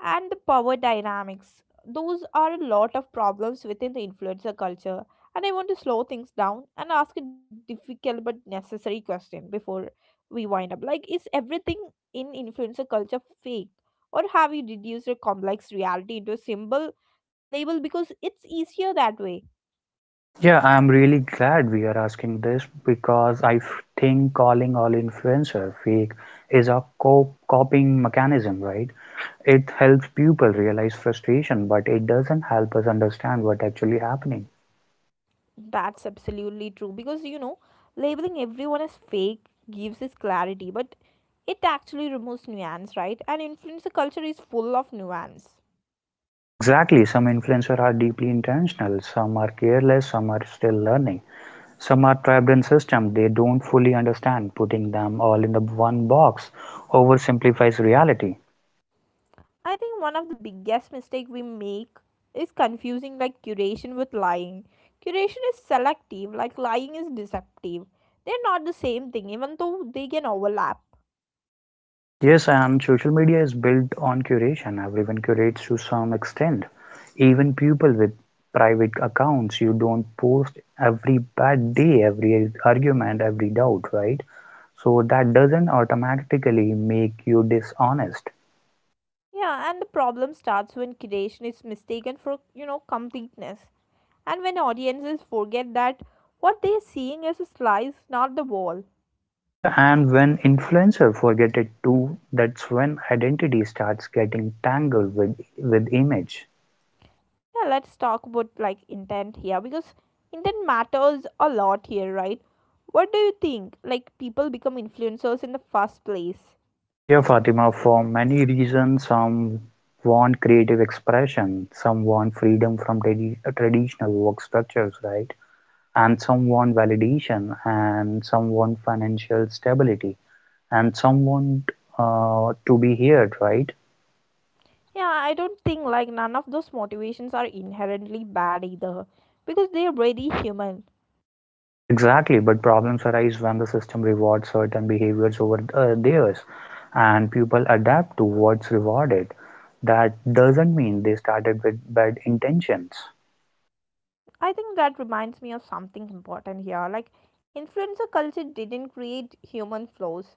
Speaker 1: and the power dynamics. Those are a lot of problems within the influencer culture. And I want to slow things down and ask a difficult but necessary question before we wind up. Like, is everything in influencer culture fake? Or have you reduced a complex reality into a simple label because it's easier that way?
Speaker 2: Yeah, I'm really glad we are asking this because I think calling all influencer fake is a co coping mechanism, right? It helps people realize frustration, but it doesn't help us understand what actually happening.
Speaker 1: That's absolutely true. Because, you know, labeling everyone as fake gives us clarity, but it actually removes nuance, right? And influencer culture is full of nuance.
Speaker 2: Exactly, some influencers are deeply intentional, some are careless, some are still learning. Some are trapped in system they don't fully understand. Putting them all in the one box oversimplifies reality.
Speaker 1: I think one of the biggest mistake we make is confusing like curation with lying. Curation is selective, like lying is deceptive. They're not the same thing, even though they can overlap.
Speaker 2: Yes, and social media is built on curation. Everyone curates to some extent. Even people with private accounts, you don't post every bad day, every argument, every doubt, right? So that doesn't automatically make you dishonest.
Speaker 1: Yeah, and the problem starts when curation is mistaken for, you know, completeness. And when audiences forget that what they're seeing is a slice, not the wall.
Speaker 2: Yeah, and when influencer forget it too, that's when identity starts getting tangled with image.
Speaker 1: Yeah, let's talk about like intent here, because intent matters a lot here, right? What do you think, like, people become influencers in the first place?
Speaker 2: Yeah, Fatima, for many reasons, some want creative expression, some want freedom from traditional work structures, right? And some want validation, and some want financial stability, and some want to be heard, right?
Speaker 1: Yeah, I don't think, like, none of those motivations are inherently bad either, because they're very human.
Speaker 2: Exactly, but problems arise when the system rewards certain behaviors over theirs, and people adapt to what's rewarded. That doesn't mean they started with bad intentions.
Speaker 1: I think that reminds me of something important here. Like, influencer culture didn't create human flaws,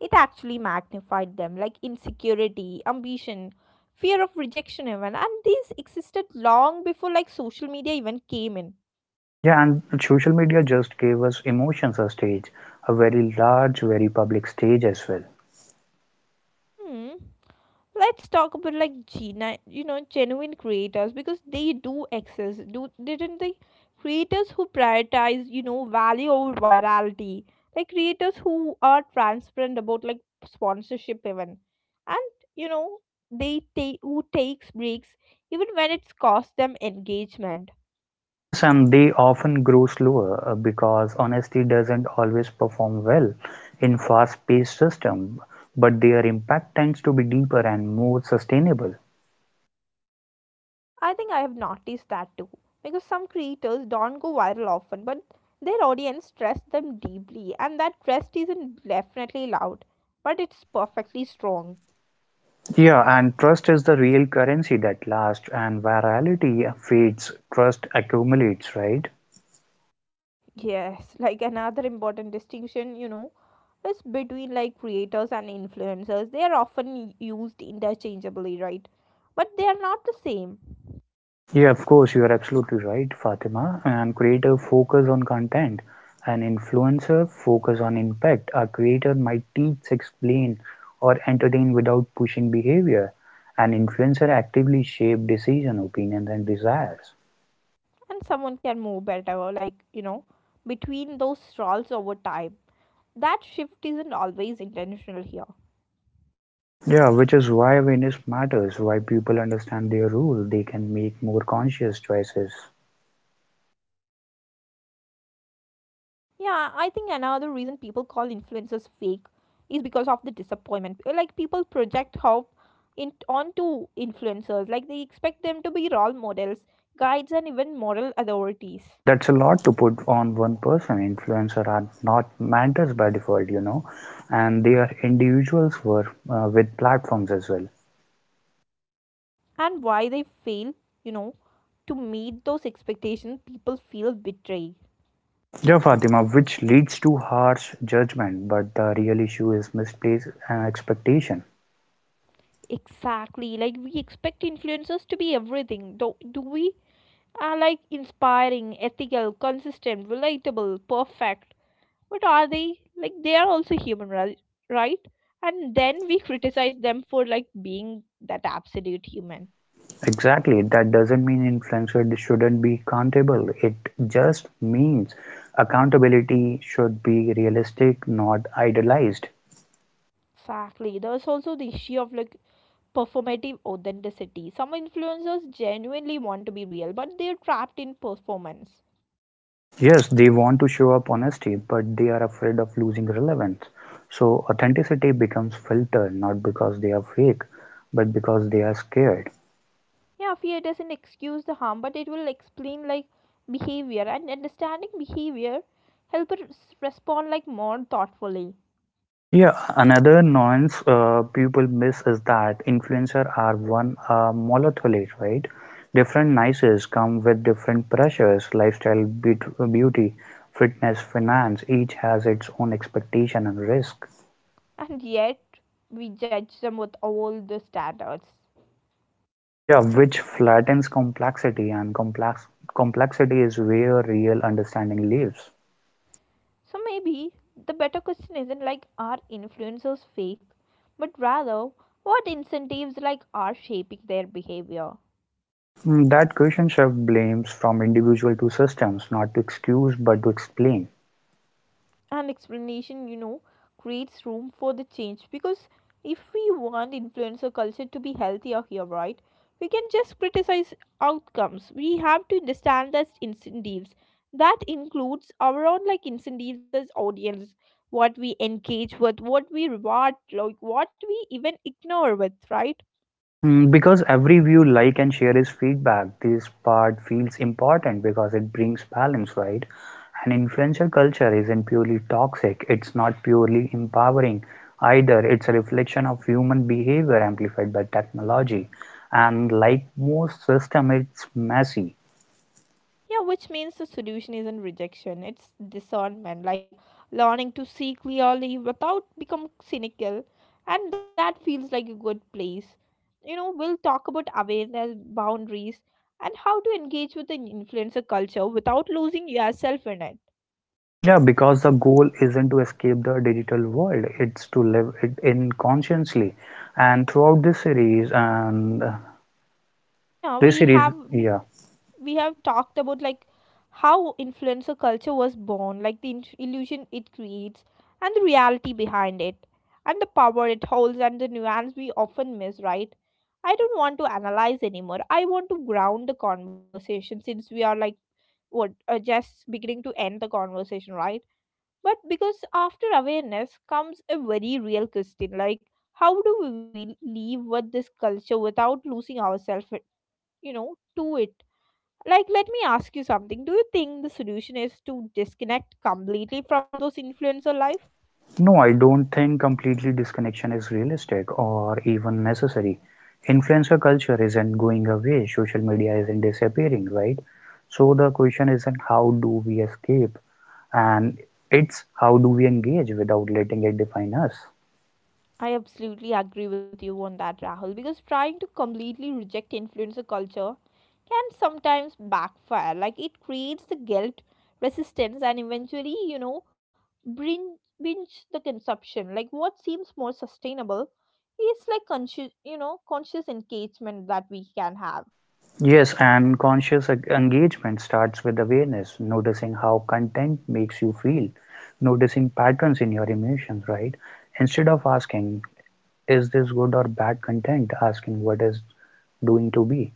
Speaker 1: it actually magnified them, like insecurity, ambition, fear of rejection, even. And these existed long before, like, social media even came in.
Speaker 2: Yeah, and social media just gave us emotions a stage, a very large, very public stage as well.
Speaker 1: Hmm. Let's talk about like gina you know genuine creators, because they do exist, do didn't they? Creators who prioritize, you know, value over virality. Like creators who are transparent about like sponsorship, even, and you know they take who takes breaks, even when it's cost them engagement.
Speaker 2: Yes, and they often grow slower because honesty doesn't always perform well in fast-paced system, but their impact tends to be deeper and more sustainable.
Speaker 1: I think I have noticed that too. Because some creators don't go viral often, but their audience trusts them deeply, and that trust isn't definitely loud, but it's perfectly strong.
Speaker 2: Yeah, and trust is the real currency that lasts, and virality fades, trust accumulates, right?
Speaker 1: Yes, [LAUGHS] like another important distinction, you know, is between like creators and influencers. They are often used interchangeably, right? But they are not the same,
Speaker 2: Yeah, of course, you are absolutely right, Fatima. And creator focus on content, and influencer focus on impact. A creator might teach, explain, or entertain without pushing behavior. An influencer actively shape decision, opinions, and desires.
Speaker 1: and someone can move better, like, you know, between those roles over time. That shift isn't always intentional here.
Speaker 2: Yeah, which is why awareness matters, why people understand their role, they can make more conscious choices.
Speaker 1: Yeah, I think another reason people call influencers fake is because of the disappointment. Like people project hope in onto influencers. Like they expect them to be role models, guides, and even moral authorities.
Speaker 2: Yeah, that's a lot to put on one person. Influencers are not mentors by default, you know, and they are individuals were with platforms as well.
Speaker 1: And why they fail, you know, to meet those expectations, people feel betrayed.
Speaker 2: Yeah, Fatima, which leads to harsh judgment, but the real issue is misplaced expectation.
Speaker 1: Exactly. Like we expect influencers to be everything. Do we are like inspiring, ethical, consistent, relatable, perfect. But are they? Like, they are also human, right? Right? And then we criticize them for like being that absolute human.
Speaker 2: Exactly, that doesn't mean influencer shouldn't be accountable. It just means accountability should be realistic, not idealized.
Speaker 1: Exactly. There's also the issue of like performative authenticity. Some influencers genuinely want to be real, but they're trapped in performance.
Speaker 2: Yes, they want to show up honesty, but they are afraid of losing relevance. So authenticity becomes filtered not because they are fake, but because they are scared.
Speaker 1: Yeah, fear doesn't excuse the harm, but it will explain like behavior, and understanding behavior help us respond like more thoughtfully.
Speaker 2: Yeah, another nuance people miss is that influencer are one monolithic, right? Different niches come with different pressures, lifestyle, beauty, fitness, finance. Each has its own expectation and risk.
Speaker 1: And yet we judge them with all the standards.
Speaker 2: Yeah, which flattens complexity, and complexity is where real understanding lives.
Speaker 1: So maybe the better question isn't like are influencers fake, but rather what incentives like are shaping their behavior.
Speaker 2: Mm, that question shift blames from individual to systems, not to excuse but to explain.
Speaker 1: An explanation, you know, creates room for the change, because if we want influencer culture to be healthier here, right? We can just criticize outcomes. We have to understand the incentives. That includes our own like incentives as audience, what we engage with, what we reward, like what we even ignore with, right?
Speaker 2: Mm, because every view, like, and share is feedback, this part feels important because it brings balance, right? And influencer culture isn't purely toxic, it's not purely empowering either. It's a reflection of human behavior amplified by technology. And like most system, it's messy.
Speaker 1: Yeah, which means the solution isn't rejection, it's discernment, like learning to see clearly without become cynical. And that feels like a good place. You know, we'll talk about awareness, boundaries, and how to engage with an influencer culture without losing yourself in it.
Speaker 2: Yeah, because the goal isn't to escape the digital world, it's to live it in consciously. And throughout this series, and
Speaker 1: Yeah,
Speaker 2: this
Speaker 1: we
Speaker 2: series,
Speaker 1: have
Speaker 2: yeah.
Speaker 1: we have talked about like how influencer culture was born, like the illusion it creates, and the reality behind it, and the power it holds, and the nuance we often miss, right? I don't want to analyze anymore. I want to ground the conversation, since we are like what just beginning to end the conversation, right? But because after awareness comes a very real question, like how do we leave with this culture without losing ourselves, to it. Like, let me ask you something. Do you think the solution is to disconnect completely from those influencer life?
Speaker 2: No, I don't think completely disconnection is realistic or even necessary. Influencer culture isn't going away, social media isn't disappearing, right? So the question isn't how do we escape, and it's how do we engage without letting it define us.
Speaker 1: I absolutely agree with you on that, Rahul, because trying to completely reject influencer culture can sometimes backfire. Like, it creates the guilt, resistance, and eventually, you know, bring binge the consumption. Like, what seems more sustainable is like conscious engagement that we can have.
Speaker 2: Yes, and conscious engagement starts with awareness, noticing how content makes you feel, noticing patterns in your emotions, right? Instead of asking, is this good or bad content, asking what is doing to be.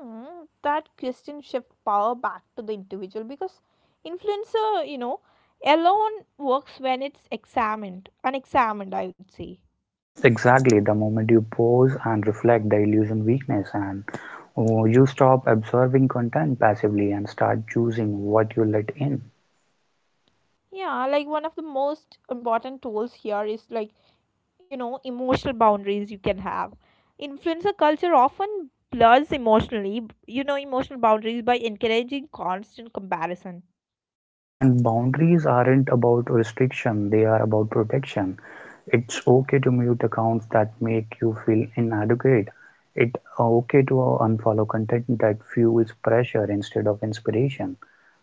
Speaker 1: Mm, that question shift power back to the individual, because influencer, alone works when it's examined, unexamined, I would say.
Speaker 2: Exactly, the moment you pause and reflect, the illusion weakness, and oh, you stop absorbing content passively and start choosing what you let in.
Speaker 1: Yeah, like one of the most important tools here is like, you know, emotional boundaries you can have. Influencer culture often blurs emotional boundaries by encouraging constant comparison.
Speaker 2: Yeah, and boundaries aren't about restriction, they are about protection. It's okay to mute accounts that make you feel inadequate. It's okay to unfollow content that fuels pressure instead of inspiration.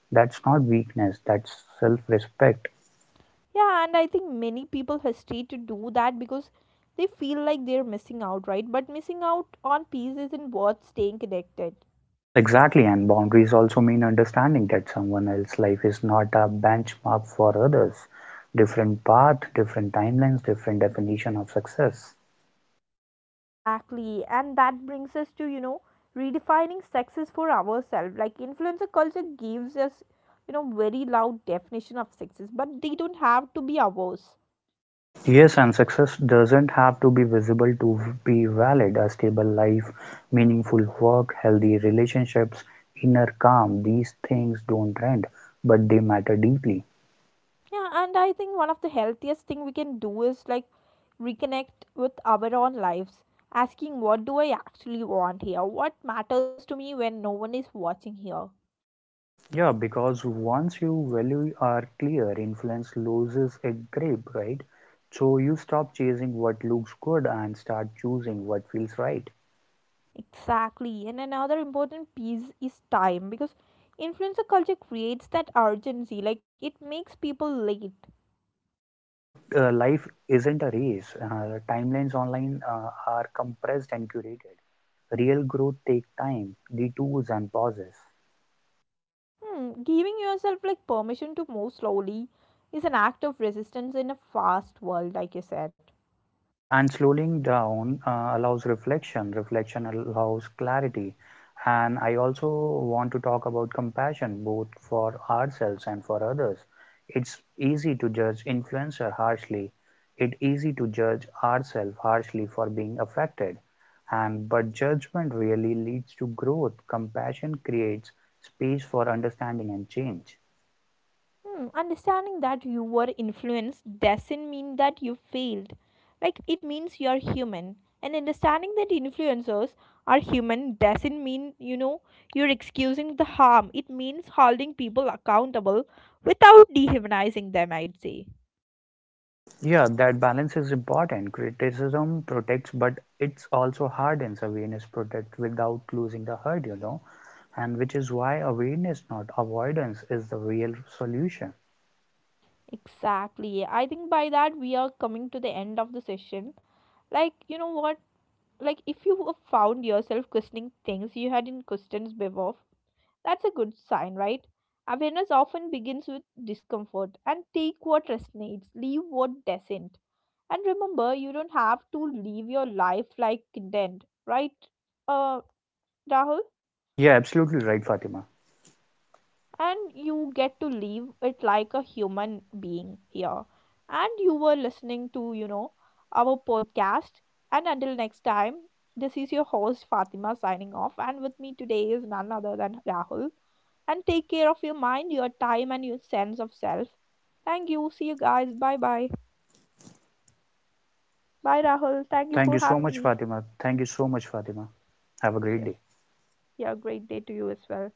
Speaker 2: That's not weakness, that's self respect.
Speaker 1: Yeah, and I think many people hesitate to do that, because they feel like they're missing out, right? But missing out on peace isn't worth staying connected.
Speaker 2: Exactly, and boundaries also mean understanding that someone else's life is not a benchmark for others. Different path, different timelines, different definition of success.
Speaker 1: Exactly. And that brings us to, you know, redefining success for ourselves. Like influencer culture gives us, you know, very loud definition of success, but they don't have to be ours.
Speaker 2: Yes, and success doesn't have to be visible to be valid. A stable life, meaningful work, healthy relationships, inner calm, these things don't trend, but they matter deeply.
Speaker 1: Yeah, and I think one of the healthiest thing we can do is like reconnect with our own lives, asking what do I actually want here? What matters to me when no one is watching here?
Speaker 2: Yeah, because once you value are clear, influence loses a grip, right? So you stop chasing what looks good and start choosing what feels right.
Speaker 1: Exactly. And another important piece is time, because influencer culture creates that urgency, like it makes people late.
Speaker 2: Yeah, but life isn't a race. Timelines online are compressed and curated. Real growth take time, detours and pauses.
Speaker 1: Hmm, giving yourself like permission to move slowly is an act of resistance in a fast world, like you said.
Speaker 2: Yeah, and slowing down allows reflection. Reflection allows clarity. And I also want to talk about compassion, both for ourselves and for others. It's easy to judge influencer harshly. It's easy to judge ourselves harshly for being affected. And but judgment really leads to growth. Compassion creates space for understanding and change.
Speaker 1: Hmm, understanding that you were influenced doesn't mean that you failed. Like, it means you're human. And understanding that influencers are human doesn't mean, you know, you're excusing the harm. It means holding people accountable without dehumanizing them, I'd say.
Speaker 2: Yeah, that balance is important. Criticism protects, but it's also hardens awareness protect without losing the hurt, you know. And which is why awareness, not avoidance, is the real solution.
Speaker 1: Exactly. I think by that we are coming to the end of the session. Like, you know what? Like, if you have found yourself questioning things you hadn't questioned before, that's a good sign, right? Awareness often begins with discomfort, and take what resonates, leave what doesn't. And remember, you don't have to live your life like condemned, right, uh, Rahul?
Speaker 2: Yeah, absolutely right, Fatima.
Speaker 1: And you get to live it like a human being here. And you were listening to, you know, our podcast. And until next time, this is your host Fatima signing off. And with me today is none other than Rahul. And take care of your mind, your time, and your sense of self. Thank you. See you guys. Bye bye. Bye, Rahul. Thank you
Speaker 2: Thank you
Speaker 1: for
Speaker 2: so
Speaker 1: having
Speaker 2: much,
Speaker 1: me.
Speaker 2: Fatima. Thank you so much, Fatima. Have a great
Speaker 1: Yes.
Speaker 2: day.
Speaker 1: Yeah, great day to you as well.